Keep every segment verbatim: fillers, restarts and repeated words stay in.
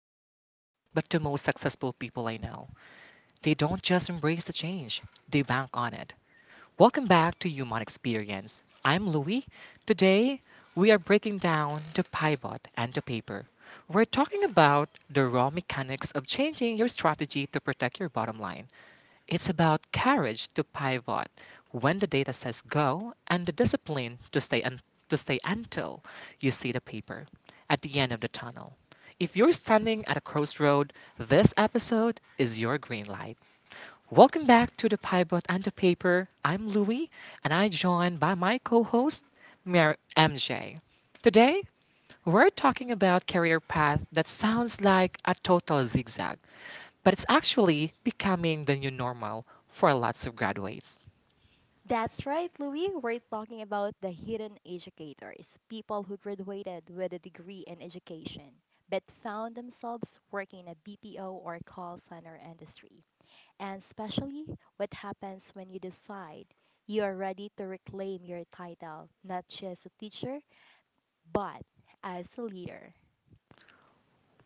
they failed, but the most successful people I know, they don't just embrace the change, they bank on it. Welcome back to Human Experience. I'm Louie. Today, we are breaking down the pivot and the paper. We're talking about the raw mechanics of changing your strategy to protect your bottom line. It's about courage to pivot when the data says go and the discipline to stay un- to stay until you see the paper at the end of the tunnel. If you're standing at a crossroad, this episode is your green light. Welcome back to the Pivot and the Paper. I'm Louie, and I joined by my co-host Mir- M J. Today, we're talking about career path that sounds like a total zigzag, but it's actually becoming the new normal for lots of graduates. That's right, Louis. We're talking about the hidden educators, people who graduated with a degree in education, but found themselves working in a B P O or call center industry. And especially what happens when you decide you are ready to reclaim your title, not just a teacher, but as a leader.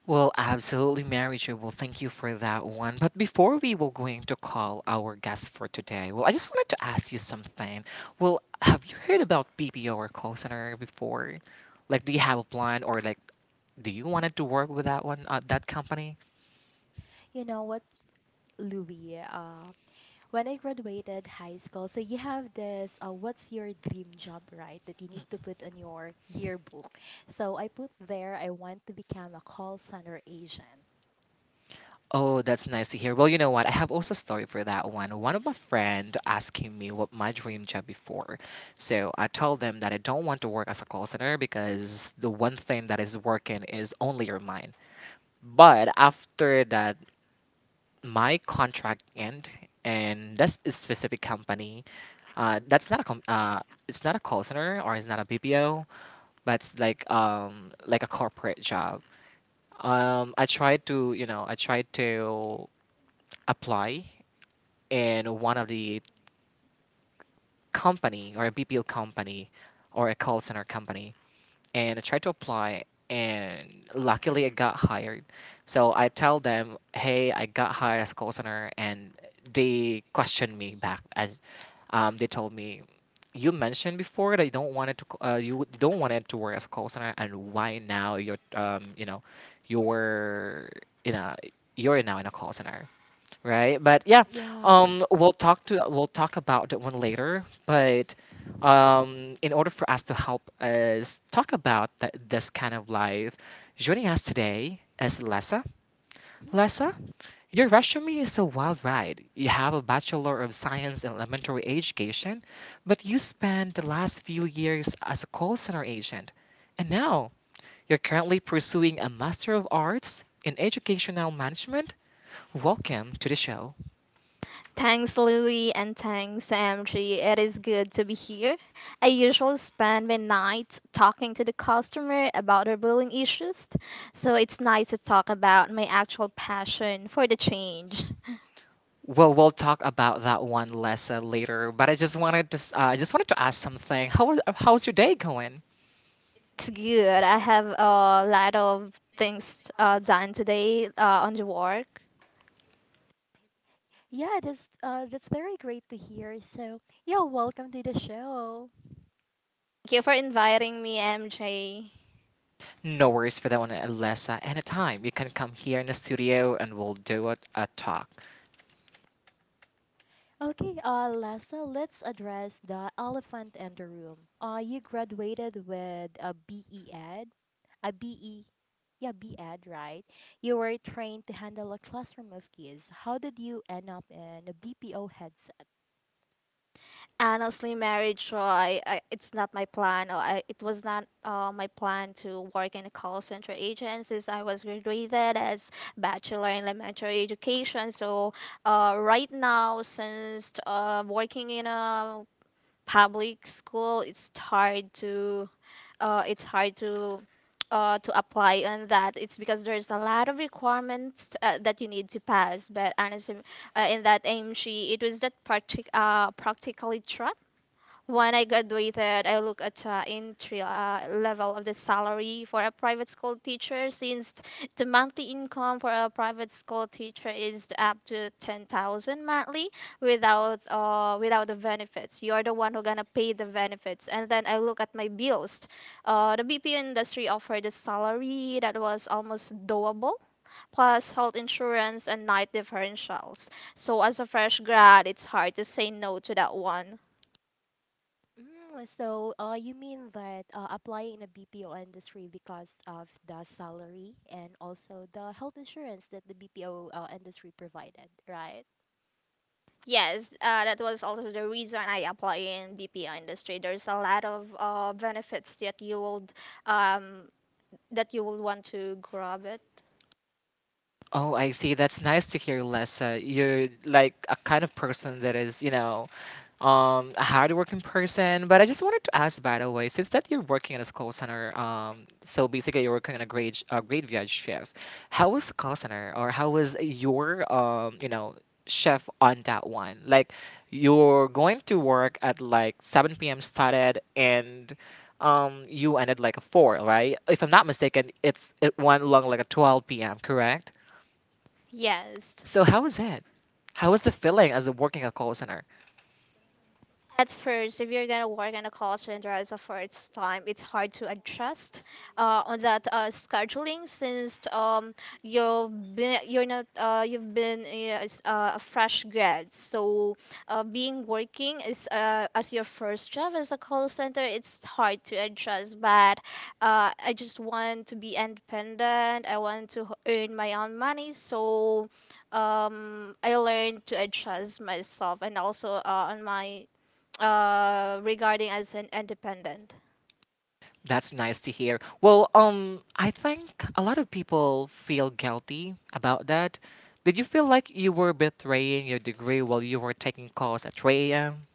Well, absolutely, Mary Jo. Well, thank you for that one. But before we will going to call our guest for today, well, I just wanted to ask you something. Well, have you heard about B P O or call center before? Like, do you have a plan or like, do you wanted to work with that one, uh, that company? You know what, Louis? Uh, when I graduated high school, so you have this uh, what's your dream job, right? That you need to put on your yearbook. So I put there I want to become a call center agent. Oh, that's nice to hear. Well, you know what? I have also a story for that one. One of my friend asking me what my dream job before. So I told them that I don't want to work as a call center because the one thing that is working is only your mind. But after that, my contract end and that's a specific company. Uh, that's not a com- uh, it's not a call center or it's not a B P O, but it's like um like a corporate job. Um, I tried to you know I tried to apply in one of the company or a B P O company or a call center company, and I tried to apply, and luckily I got hired. So I tell them, hey, I got hired as call center, and they questioned me back, and um, they told me. You mentioned before that you don't want it to c- uh, you would- don't want it to work as a call center, and why now you're um you know you're in a you're now in a call center, right? But yeah, Yeah. um, we'll talk to we'll talk about that one later. But um, in order for us to help us talk about th- this kind of life, joining us today is Lessa. Lessa, Mhm. your resume is a wild ride. You have a Bachelor of Science in Elementary Education, but you spent the last few years as a call center agent. And now you're currently pursuing a Master of Arts in Educational Management. Welcome to the show. Thanks, Louis, and thanks, M G. It is good to be here. I usually spend my nights talking to the customer about their billing issues, so it's nice to talk about my actual passion for the change. Well, we'll talk about that one less uh, later. But I just wanted to, s- uh, I just wanted to ask something. How was, how's your day going? It's good. I have a lot of things uh, done today uh, on the work. Yeah, that's uh, that's very great to hear. So, yeah, welcome to the show. Thank you for inviting me, M J. No worries for that one, uh, Alessa. Anytime you can come here in the studio and we'll do a, a talk. Okay, uh, Lessa, let's address the elephant in the room. Uh, you graduated with a B E Ed, a B E, yeah, B E Ed, right? You were trained to handle a classroom of kids. How did you end up in a B P O headset? Honestly, marriage, uh, I, I, it's not my plan. Or I, it was not uh, my plan to work in a call center agent since I was graduated as bachelor in elementary education. So uh, right now, since uh, working in a public school, it's hard to uh, it's hard to uh, to apply on that. It's because there's a lot of requirements uh, that you need to pass. But honestly, uh, in that A M G, it was that partic- uh, practically track when I graduated, I look at the entry uh, level of the salary for a private school teacher since the monthly income for a private school teacher is up to ten thousand monthly without uh, without the benefits. You're the one who gonna pay the benefits. And then I look at my bills. Uh, the B P O industry offered a salary that was almost doable plus health insurance and night differentials. So as a fresh grad, it's hard to say no to that one. Mm, so, uh, you mean that uh, applying in a B P O industry because of the salary and also the health insurance that the B P O uh, industry provided, right? Yes, uh, that was also the reason I apply in B P O industry. There's a lot of uh, benefits that you will um, that you will want to grab it. Oh, I see. That's nice to hear, Lessa. You're like a kind of person that is, you know, um, a hardworking person. But I just wanted to ask, by the way, since that you're working in a call center, um, so basically you're working in a grade a graveyard shift. How was the call center, or how was your, um, you know, shift on that one? Like, you're going to work at like seven p m started and. Um, you ended like a four, right? If I'm not mistaken, it's it went along like a twelve p m. Correct? Yes. So how was it? How was the feeling as a working at call center? At first, if you're gonna work in a call center as a first time, it's hard to adjust uh, on that uh, scheduling since um you've been you're not uh, you've been uh, s- uh, a fresh grad. So uh, being working is uh, as your first job as a call center, it's hard to adjust. But uh, I just want to be independent. I want to h- earn my own money. So um, I learned to adjust myself and also uh, on my uh regarding as an independent. That's nice to hear. Well, um, I think a lot of people feel guilty about that. Did you feel like you were betraying your degree while you were taking calls at three a m?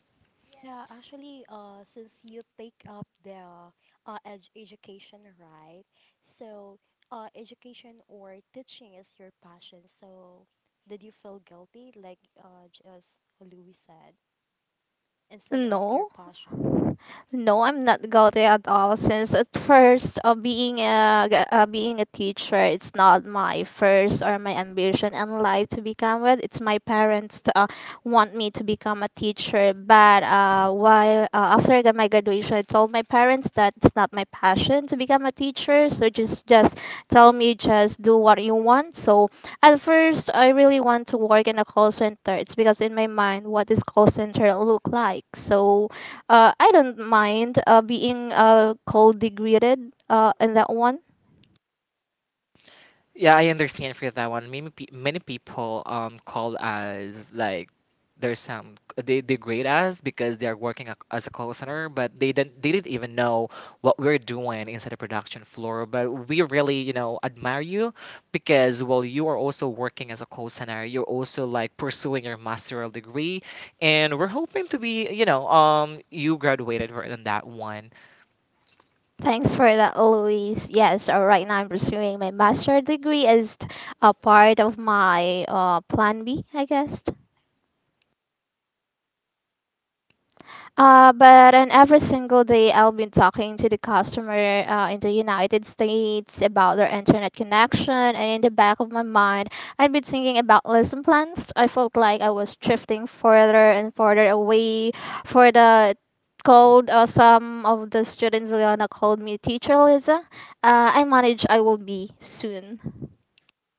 Yeah, actually, uh, since you take up the uh, ed education, right? So, uh, education or teaching is your passion. So, did you feel guilty, like uh, just Louis said, instead of your No, passion? no, I'm not guilty at all. Since at first, uh, being a g- uh, being a teacher, it's not my first or my ambition in life to become one. It's my parents to, uh, want me to become a teacher. But uh, while uh, after I got my graduation, I told my parents that it's not my passion to become a teacher. So just just tell me just do what you want. So at first, I really want to work in a call center. It's because in my mind, what is call center look like? So uh, I don't mind uh, being uh, cold degraded uh, in that one. Yeah, I understand for that one. Many pe- many people um call us like there's some they degrade us because they are working ac- as a call center, but they didn't they didn't even know what we're doing inside the production floor. But we really, you know, admire you because while you are also working as a call center, you're also like pursuing your master's degree, and we're hoping to be, you know, um you graduated right on that one. Thanks for that, Louise. Yes, uh, right now I'm pursuing my master degree as t- a part of my uh, plan B, I guess. Uh, but and every single day I'll be talking to the customer uh, in the United States about their internet connection, and in the back of my mind, I'd been thinking about lesson plans. I felt like I was drifting further and further away for the cold. Uh, some of the students Liana called me teacher Lisa. Uh, I manage I will be soon.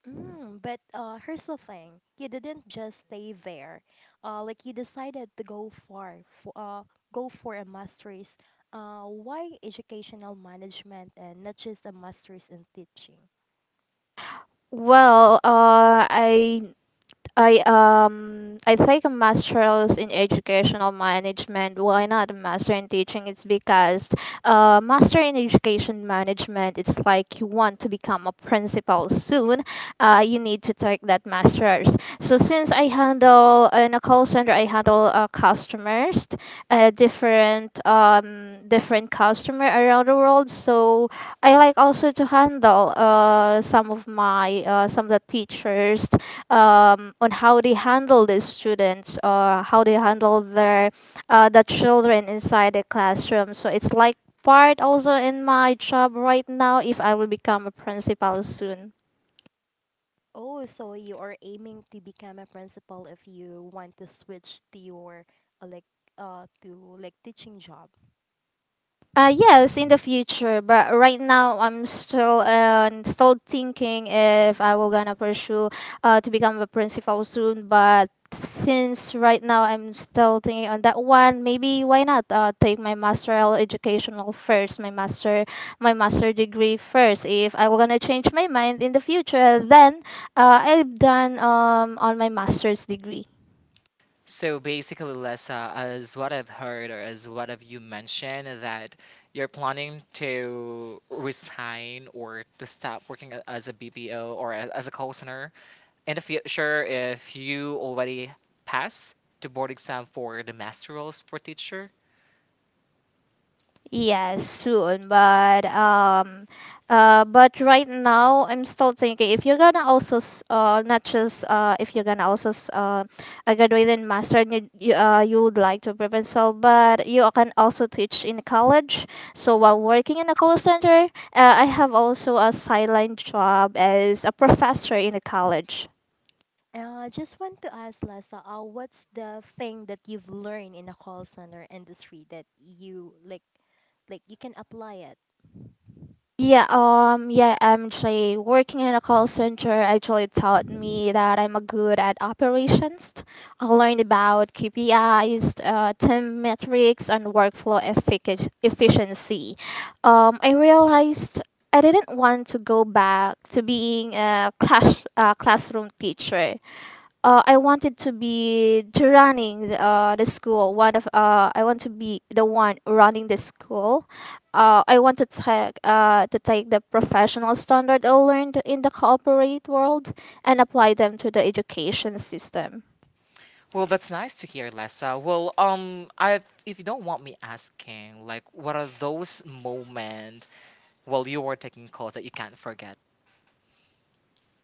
Mm, but uh, here's the thing. You didn't just stay there. Uh, like you decided to go far, for, uh, go for a master's. Uh, why educational management and not just a master's in teaching? Well, uh, I I um I take a master's in educational management. Why not a master in teaching? It's because uh master in education management. It's like you want to become a principal soon. Uh, you need to take that master's. So since I handle in a call center, I handle uh, customers, uh, different um different customer around the world. So I like also to handle uh some of my uh some of the teachers um, on how they handle the students or how they handle their uh, the children inside the classroom. So it's like part also in my job right now if I will become a principal soon. Oh, so you are aiming to become a principal if you want to switch to your uh, like uh to like teaching job. Uh, yes, in the future, but right now I'm still uh, still thinking if I will gonna pursue uh, to become a principal soon. But since right now I'm still thinking on that one, maybe why not uh, take my masteral educational first, my master my master degree first. If I will gonna change my mind in the future, then uh, I've done um on my master's degree. So basically, Lessa, as what I've heard or as what have you mentioned, that you're planning to resign or to stop working a- as a B P O or a- as a call center in the future if you already pass the board exam for the master roles for teacher. Yes, soon. But um, uh, but right now I'm still thinking if you're gonna also s- uh not just uh if you're gonna also s- uh a graduate in master and you, you uh you would like to prepare yourself, but you can also teach in college. So while working in a call center, uh, I have also a sideline job as a professor in a college. Uh, just want to ask Lasa, uh, what's the thing that you've learned in the call center industry that you like like you can apply it? Yeah, um, yeah, I'm actually working in a call center actually taught me that I'm a good at operations. I learned about K P Is, uh, team metrics, and workflow effic- efficiency. Um, I realized I didn't want to go back to being a class uh, classroom teacher uh, I wanted to be to running the, uh, the school. One of uh, I want to be the one running the school. Uh, I want to take uh, to take the professional standard I learned in the corporate world and apply them to the education system. Well, that's nice to hear, Lessa. Well, um, I if you don't want me asking, like, what are those moments while you were taking calls that you can't forget?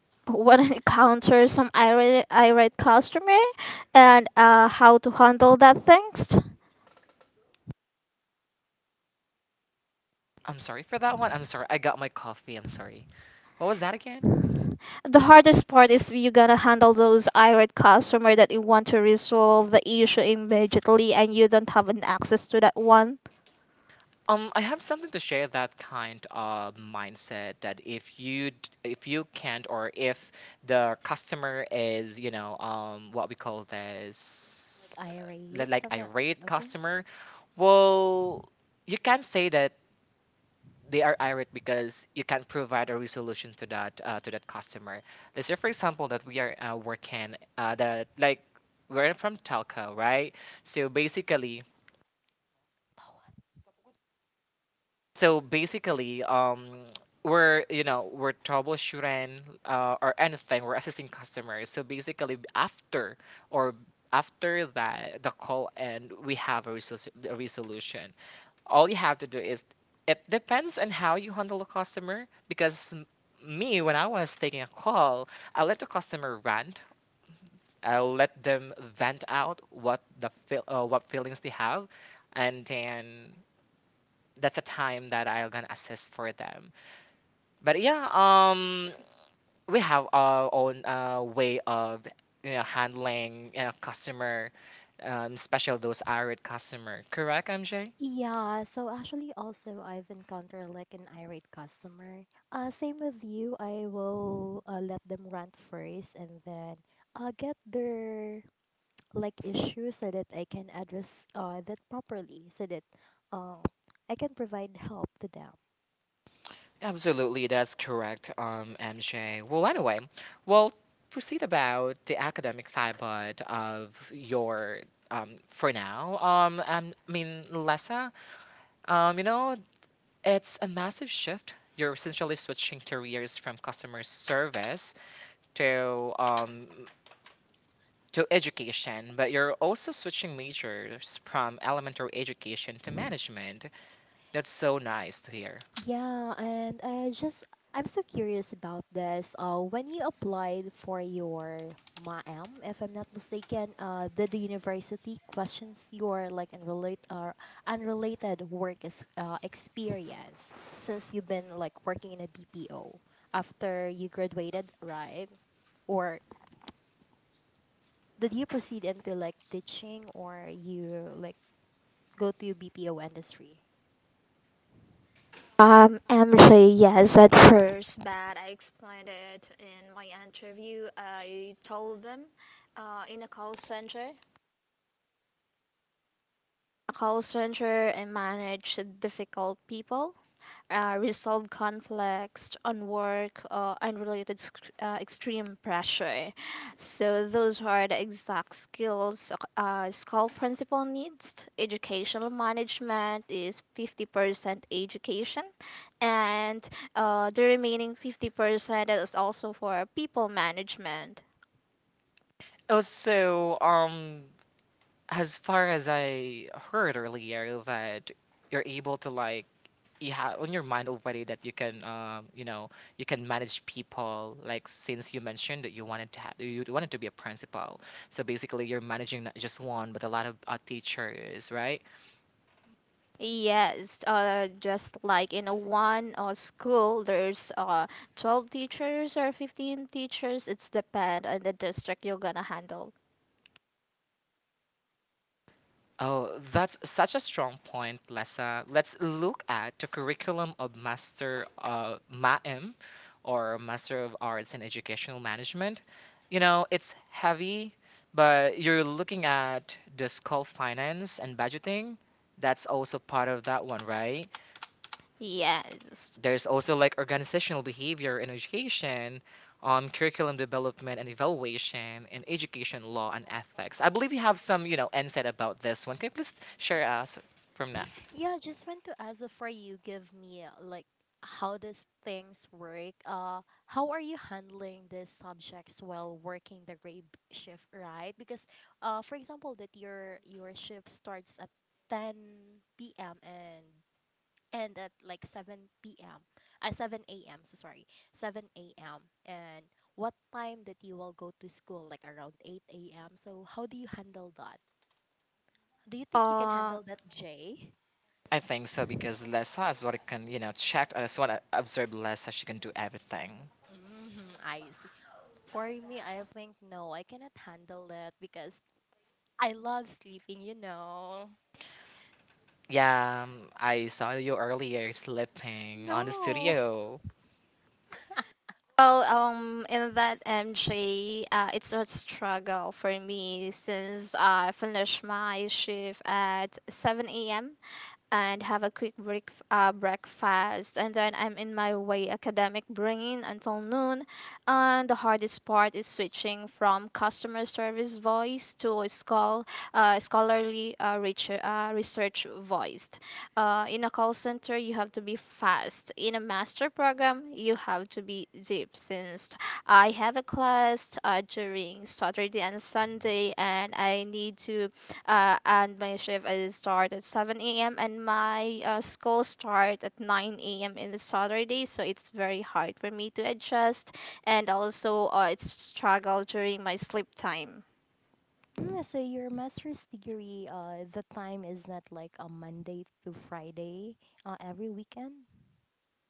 When I encounter some irate, irate customer and uh, how to handle that things, I'm Y- sorry for that one. I'm sorry. I got my coffee. I'm sorry. What was that again? the hardest part is you gotta handle those irate customer that you want to resolve the issue immediately and you don't have an access to that one. Um, I have something to share that kind of mindset that if you d- if you can't or if the customer is, you know, um what we call this uh, li- Irate like something. irate Okay. customer, well you can't say that they are irate because you can't provide a resolution to that uh, to that customer. Let's say, for example, that we are uh, working uh, that like we're from telco, right? So basically, so basically, um, we're you know we're troubleshooting, uh, or anything. We're assisting customers. So basically, after or after that the call end, we have a, resolu- a resolution. All you have to do is it depends on how you handle a customer because m- me when I was taking a call, I let the customer rant, I let them vent out what the feel, uh, what feelings they have, and then that's a time that I'm gonna assist for them. But yeah, um we have our own uh, way of, you know, handling, you know, customer, um, especially those irate customer, correct, MJ? Yeah, so actually also I've encountered like an irate customer. Uh same with you, I will uh, let them rant first and then uh get their like issues so that I can address uh that properly so that um I can provide help to them. Absolutely, that's correct, um, M J. Well, anyway, well, proceed about the academic side of your, um, for now. Um, um, I mean, Lessa, um, you know, it's a massive shift. You're essentially switching careers from customer service to, um, to education, but you're also switching majors from elementary education to management. That's so nice to hear. Yeah, and I just I'm so curious about this. Uh, when you applied for your M A M, if I'm not mistaken, uh, did the university questions your like unrelated or unrelated work is, uh, experience since you've been like working in a B P O after you graduated, right? Or did you proceed into like teaching or you like go to B P O industry? Um, M J, yes, at first, but I explained it in my interview. I told them uh, in a call center, a call center and manage difficult people uh, resolve conflicts on work or unrelated sc- uh, extreme pressure. So those are the exact skills uh, school principal needs. Educational management is fifty percent education, and uh, the remaining fifty percent is also for people management. Also, um, as far as I heard earlier, that you're able to like you have on your mind already that you can, um you know you can manage people like since you mentioned that you wanted to have you wanted to be a principal, so basically you're managing not just one but a lot of uh, teachers, right? Yes, uh, just like in a one uh, school, there's uh, twelve teachers or fifteen teachers. It's depend on the district you're gonna handle. Oh, that's such a strong point, Lessa. Let's look at the curriculum of Master uh, M A M or Master of Arts in Educational Management. You know, it's heavy, but you're looking at the school finance and budgeting. That's also part of that one, right? Yes. There's also like organizational behavior in education, um, curriculum development and evaluation, and education law and ethics. I believe you have some, you know, insight about this one. Can you please share us from Yeah, that? yeah, just want to ask before you give me uh, like how does things work? Uh, how are you handling these subjects while working the grave shift, right? Because uh, for example, that your your shift starts at ten p m and end at like seven p m. Uh, seven a m. So sorry, seven a m. And what time that you will go to school? Like around eight a m. So how do you handle that? Do you think you can Uh, handle that, Jay? I think so because Lessa is what I can, you know, check. I just want to observe Lessa. She can do everything. Mhm, I see. For me, I think no, I cannot handle it because I love sleeping, you know. Yeah, um, I saw you earlier sleeping on the No. studio. well, um, in that M J, uh, it's a struggle for me since I finished my shift at seven a m and have a quick break, uh, breakfast. And then I'm in my way academic brain until noon. And the hardest part is switching from customer service voice to a schol- uh, scholarly uh, reach, uh, research voice. Uh, in a call center, you have to be fast. In a master program, you have to be deep since I have a class uh, during Saturday and Sunday, and I need to uh, and my shift is start at seven a m and my uh, school start at nine a m in the Saturday, so it's very hard for me to adjust, and also uh, it's struggle during my sleep time. Mm, so your master's degree, uh, the time is not like a Monday to Friday, uh, every weekend?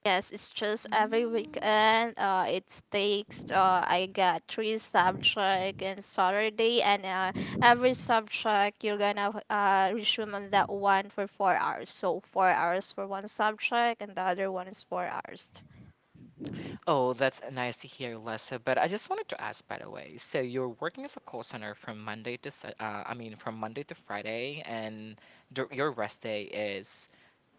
Yes, it's just every Mm, weekend. Uh, it takes. Uh, I got three subject in Saturday, and uh, every subject you're gonna uh, resume on that one for four hours. So four hours for one subject, and the other one is four hours. Oh, that's nice to hear, Lessa. But I just wanted to ask, by the way, so you're working as a call center from Monday to, Sa- uh, I mean, from Monday to Friday, and dur- your rest day is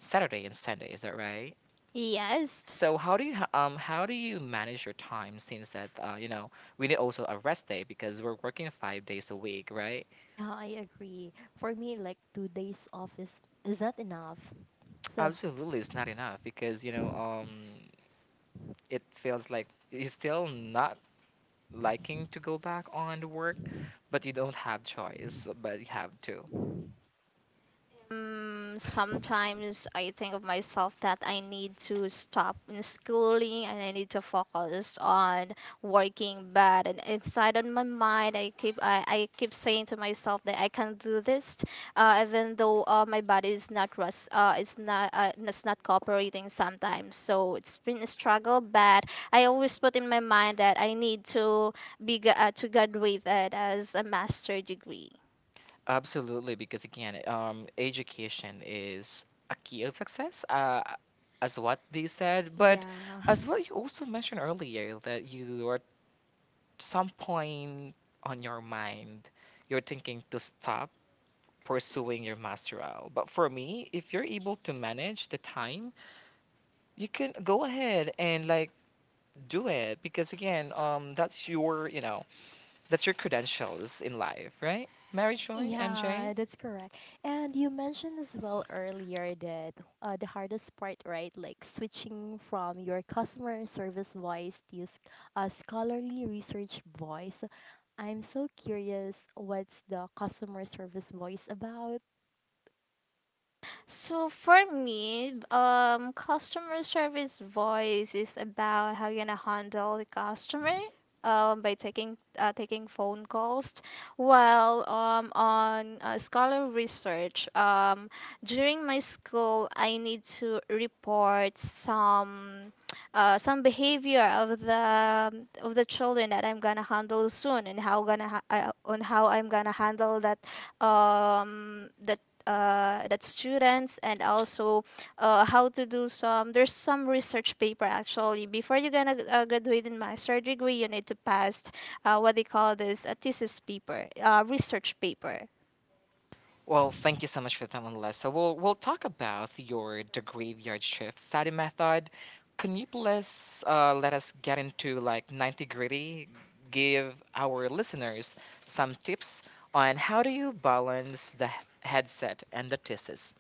Saturday and Sunday, is that right? Yes. So how do you ha- um how do you manage your time since that, uh, you know, we need also a rest day because we're working five days a week, right? yeah, I agree. For me, like two days off is is not enough. So, Absolutely, it's not enough because, you know, um it feels like it's still not liking to go back on to work, but you don't have choice, but you have to. Mm, sometimes I think of myself that I need to stop in schooling and I need to focus on working. But and inside on my mind, I keep I, I keep saying to myself that I can do this, uh, even though uh, my body is not rest, uh, it's not uh, it's not cooperating sometimes. So it's been a struggle, but I always put in my mind that I need to be gra- uh, to graduate uh, as a master degree. Absolutely, because again, um, education is a key of success, uh, as what they said, correct. but Yeah. as what you also mentioned earlier, that you are some point on your mind, you're thinking to stop pursuing your masteral. But for me, if you're able to manage the time, you can go ahead and like do it because again, um, that's your, you know, that's your credentials in life, right? Mary Joy, M J? Yeah, that's correct. And you mentioned as well earlier that uh, the hardest part, right, like switching from your customer service voice to your uh, scholarly research voice. I'm so curious, what's the customer service voice about? So for me, um, customer service voice is about how you're gonna handle the customer, um, by taking uh, taking phone calls. While um, on uh, scholar research, um, during my school, I need to report some uh, some behavior of the of the children that I'm gonna handle soon, and how gonna ha- uh, on how I'm gonna handle that um that uh, that students and also uh, how to do some there's some research paper actually before you're gonna uh, graduate in master degree you need to pass uh, what they call this a thesis paper uh, research paper. Well, thank you so much for that one, Lisa. We'll we'll talk about your the graveyard shift study method. Can you please uh, let us get into like ninety gritty? Give our listeners some tips on how do you balance the h- headset and the thesis.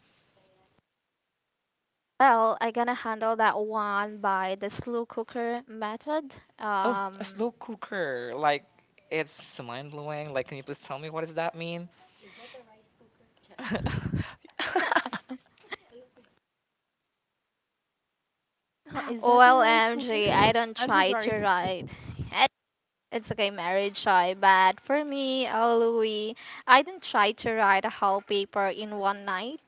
Well, I'm gonna handle that one by the slow cooker method. Oh, a um, slow cooker, like it's mind blowing. Like, can you please tell me what does that mean? Char. Is that the rice O L M G, cooker? don't I'm so try to sorry. write. It's okay, marriage, shy, but for me, uh, Louis, I didn't try to write a whole paper in one night.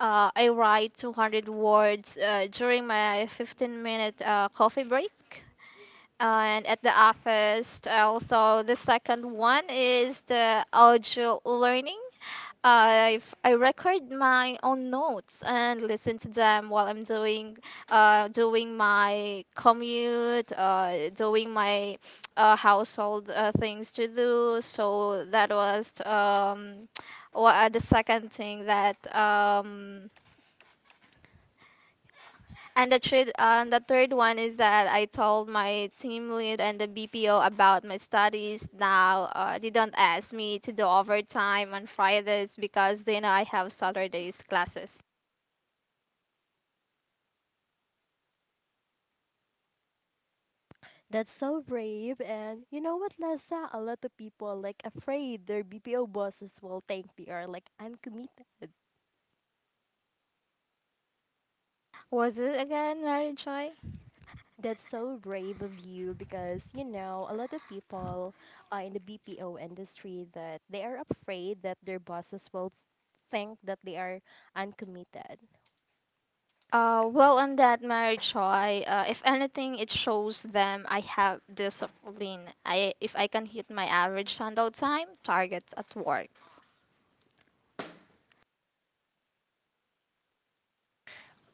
Uh, I write two hundred words uh, during my fifteen-minute uh, coffee break. And at the office, also the second one is the audio learning. I've, I record my own notes and listen to them while I'm doing uh, doing my commute, uh, doing my uh, household uh, things to do. So that was um, wha- the second thing that um, and the third, uh, and the third one is that I told my team lead and the B P O about my studies. Now uh, they don't ask me to do overtime on Fridays because they know I have Saturdays classes. That's so brave. And you know what, Lessa? A lot of people like afraid their B P O bosses will think they are like uncommitted. Was it again Mary Choi? That's so brave of you because, you know, a lot of people uh, in the B P O industry that they are afraid that their bosses will think that they are uncommitted. Uh, well, on that Mary Choi, uh, if anything, it shows them I have discipline. I if I can hit my average handout time targets at work.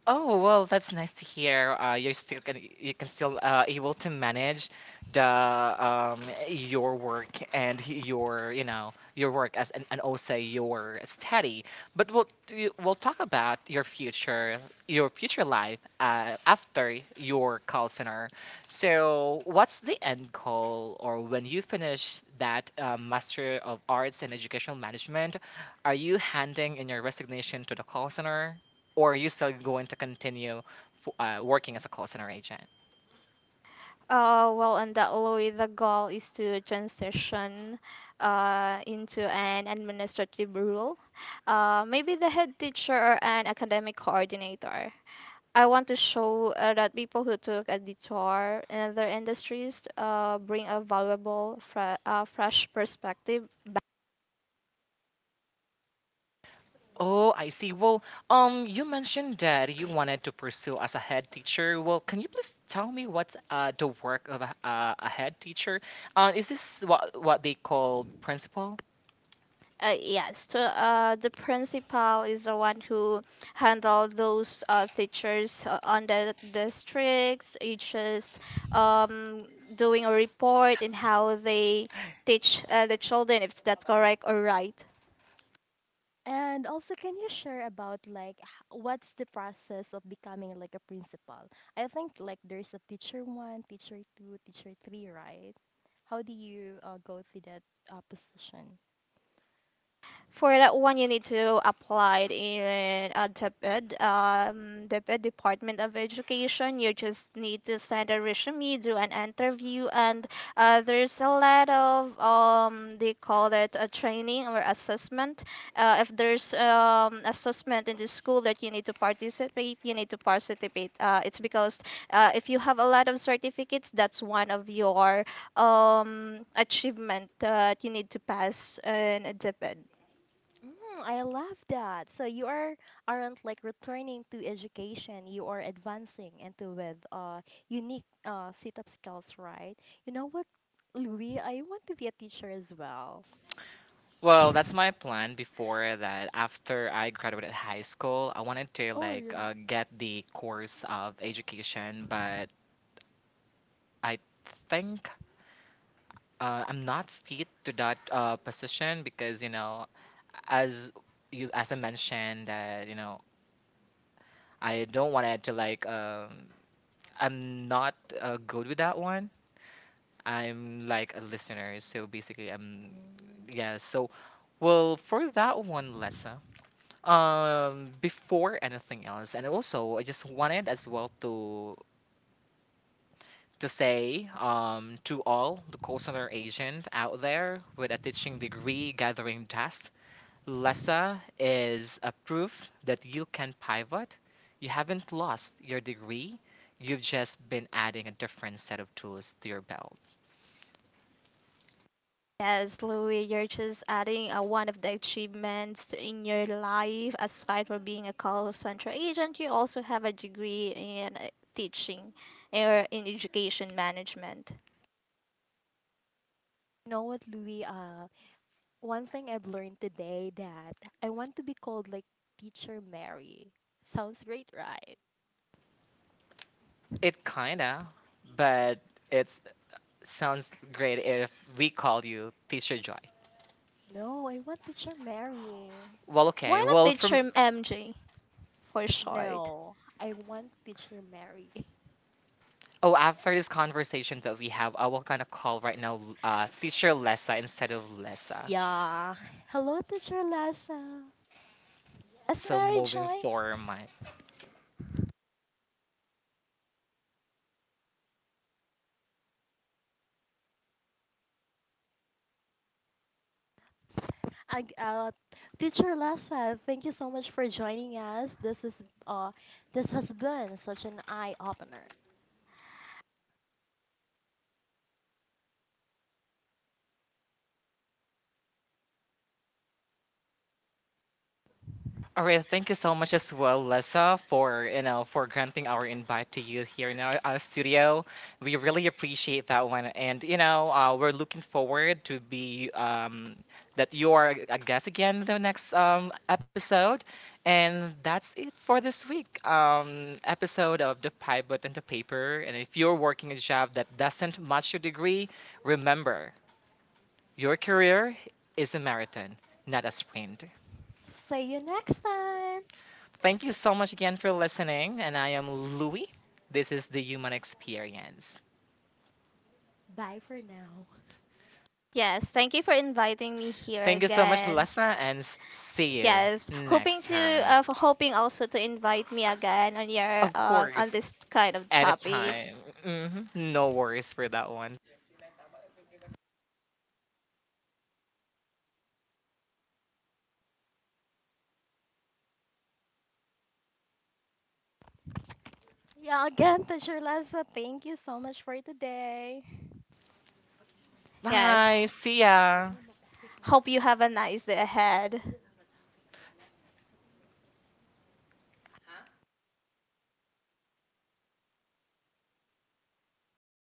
Oh well, that's nice to hear. Uh, you're still can you can still uh, able to manage the um your work and your, you know, your work as an, and also your study. But we'll you- we'll talk about your future your future life uh, after your call center. So what's the end goal or when you finish that uh, Master of Arts in Educational Management, are you handing in your resignation to the call center? Or are you still going to continue f- uh, working as a call center agent? Uh, well, and that way the goal is to transition uh, into an administrative role. Uh, maybe the head teacher or an academic coordinator. I want to show uh, that people who took a detour in other industries uh, bring a valuable, fre- uh, fresh perspective. Oh, I see. Well, um, you mentioned that you wanted to pursue as a head teacher. Well, can you please tell me what's uh, the work of a, uh, a head teacher? Uh, is this what what they call principal? Uh, yes, to, uh, the principal is the one who handle those uh, teachers uh, on the districts. It's just um, doing a report and how they teach uh, the children, if that's correct or right. And also, can you share about like h- what's the process of becoming like a principal? I think like there's a teacher one, teacher two, teacher three, right? How do you uh, go through that uh, position? For that one, you need to apply it in uh, DepEd, um, DepEd Department of Education. You just need to send a resume, do an interview, and uh, there's a lot of um, they call it a training or assessment. Uh, if there's um, assessment in the school that you need to participate, you need to participate. Uh, it's because uh, if you have a lot of certificates, that's one of your um, achievement that you need to pass in a DepEd. Mm, I love that. So you are aren't like returning to education. You are advancing into with uh unique uh sit-up skills, right? You know what, Louis? I want to be a teacher as well. Well, that's my plan before that. After I graduated high school, I wanted to Oh, like really? uh, get the course of education, but I think uh, I'm not fit to that uh, position because, you know, as you as I mentioned that, you know, I don't want it to like um, I'm not uh, good with that one. I'm like a listener, so basically I'm Mm. yeah. So well for that one, Lessa. Um, before anything else, and also I just wanted as well to to say, um, to all the call center agent out there with a teaching degree gathering dust, Lessa is a proof that you can pivot. You haven't lost your degree. You've just been adding a different set of tools to your belt. Yes, Louis, you're just adding uh, one of the achievements to- in your life. Aside from being a call center agent, you also have a degree in uh, teaching or in education management. You know what, Louis? Uh, One thing I've learned today that I want to be called like Teacher Mary. Sounds great, right? It kinda, but it sounds great if we call you Teacher Joy. No, I want Teacher Mary. Well, okay. Why not Well, the from term M J for short? No, I want Teacher Mary. oh, after this conversation that we have, I will gonna call right now, uh, Teacher Lessa instead of Lessa. Yeah. Hello, Teacher Lassa. As So Mary moving Joy? forward, I, uh, Teacher Lassa, thank you so much for joining us. This is uh, this has been such an eye opener. all right, thank you so much as well, Lessa, for, you know, for granting our invite to you here in our, our studio. We really appreciate that one, and, you know, uh, we're looking forward to be, um, that you are a guest again in the next, um, episode. And that's it for this week, um, episode of the Pivot and the Paper. And if you're working a job that doesn't match your degree, remember your career is a marathon, not a sprint. See you next time. Thank you so much again for listening. And I am Louie. This is the human experience. Bye for now. Yes, thank you for inviting me here Thank you so much, again. Lessa, and s- see you Yes, hoping next to time. uh, for hoping also to invite me again on your Of uh, on course, this kind of topic. anytime. hmm No worries for that one. Yeah, again, Teacher Lassa, thank you so much for today. Yes, Bye. See ya. hope you have a nice day ahead.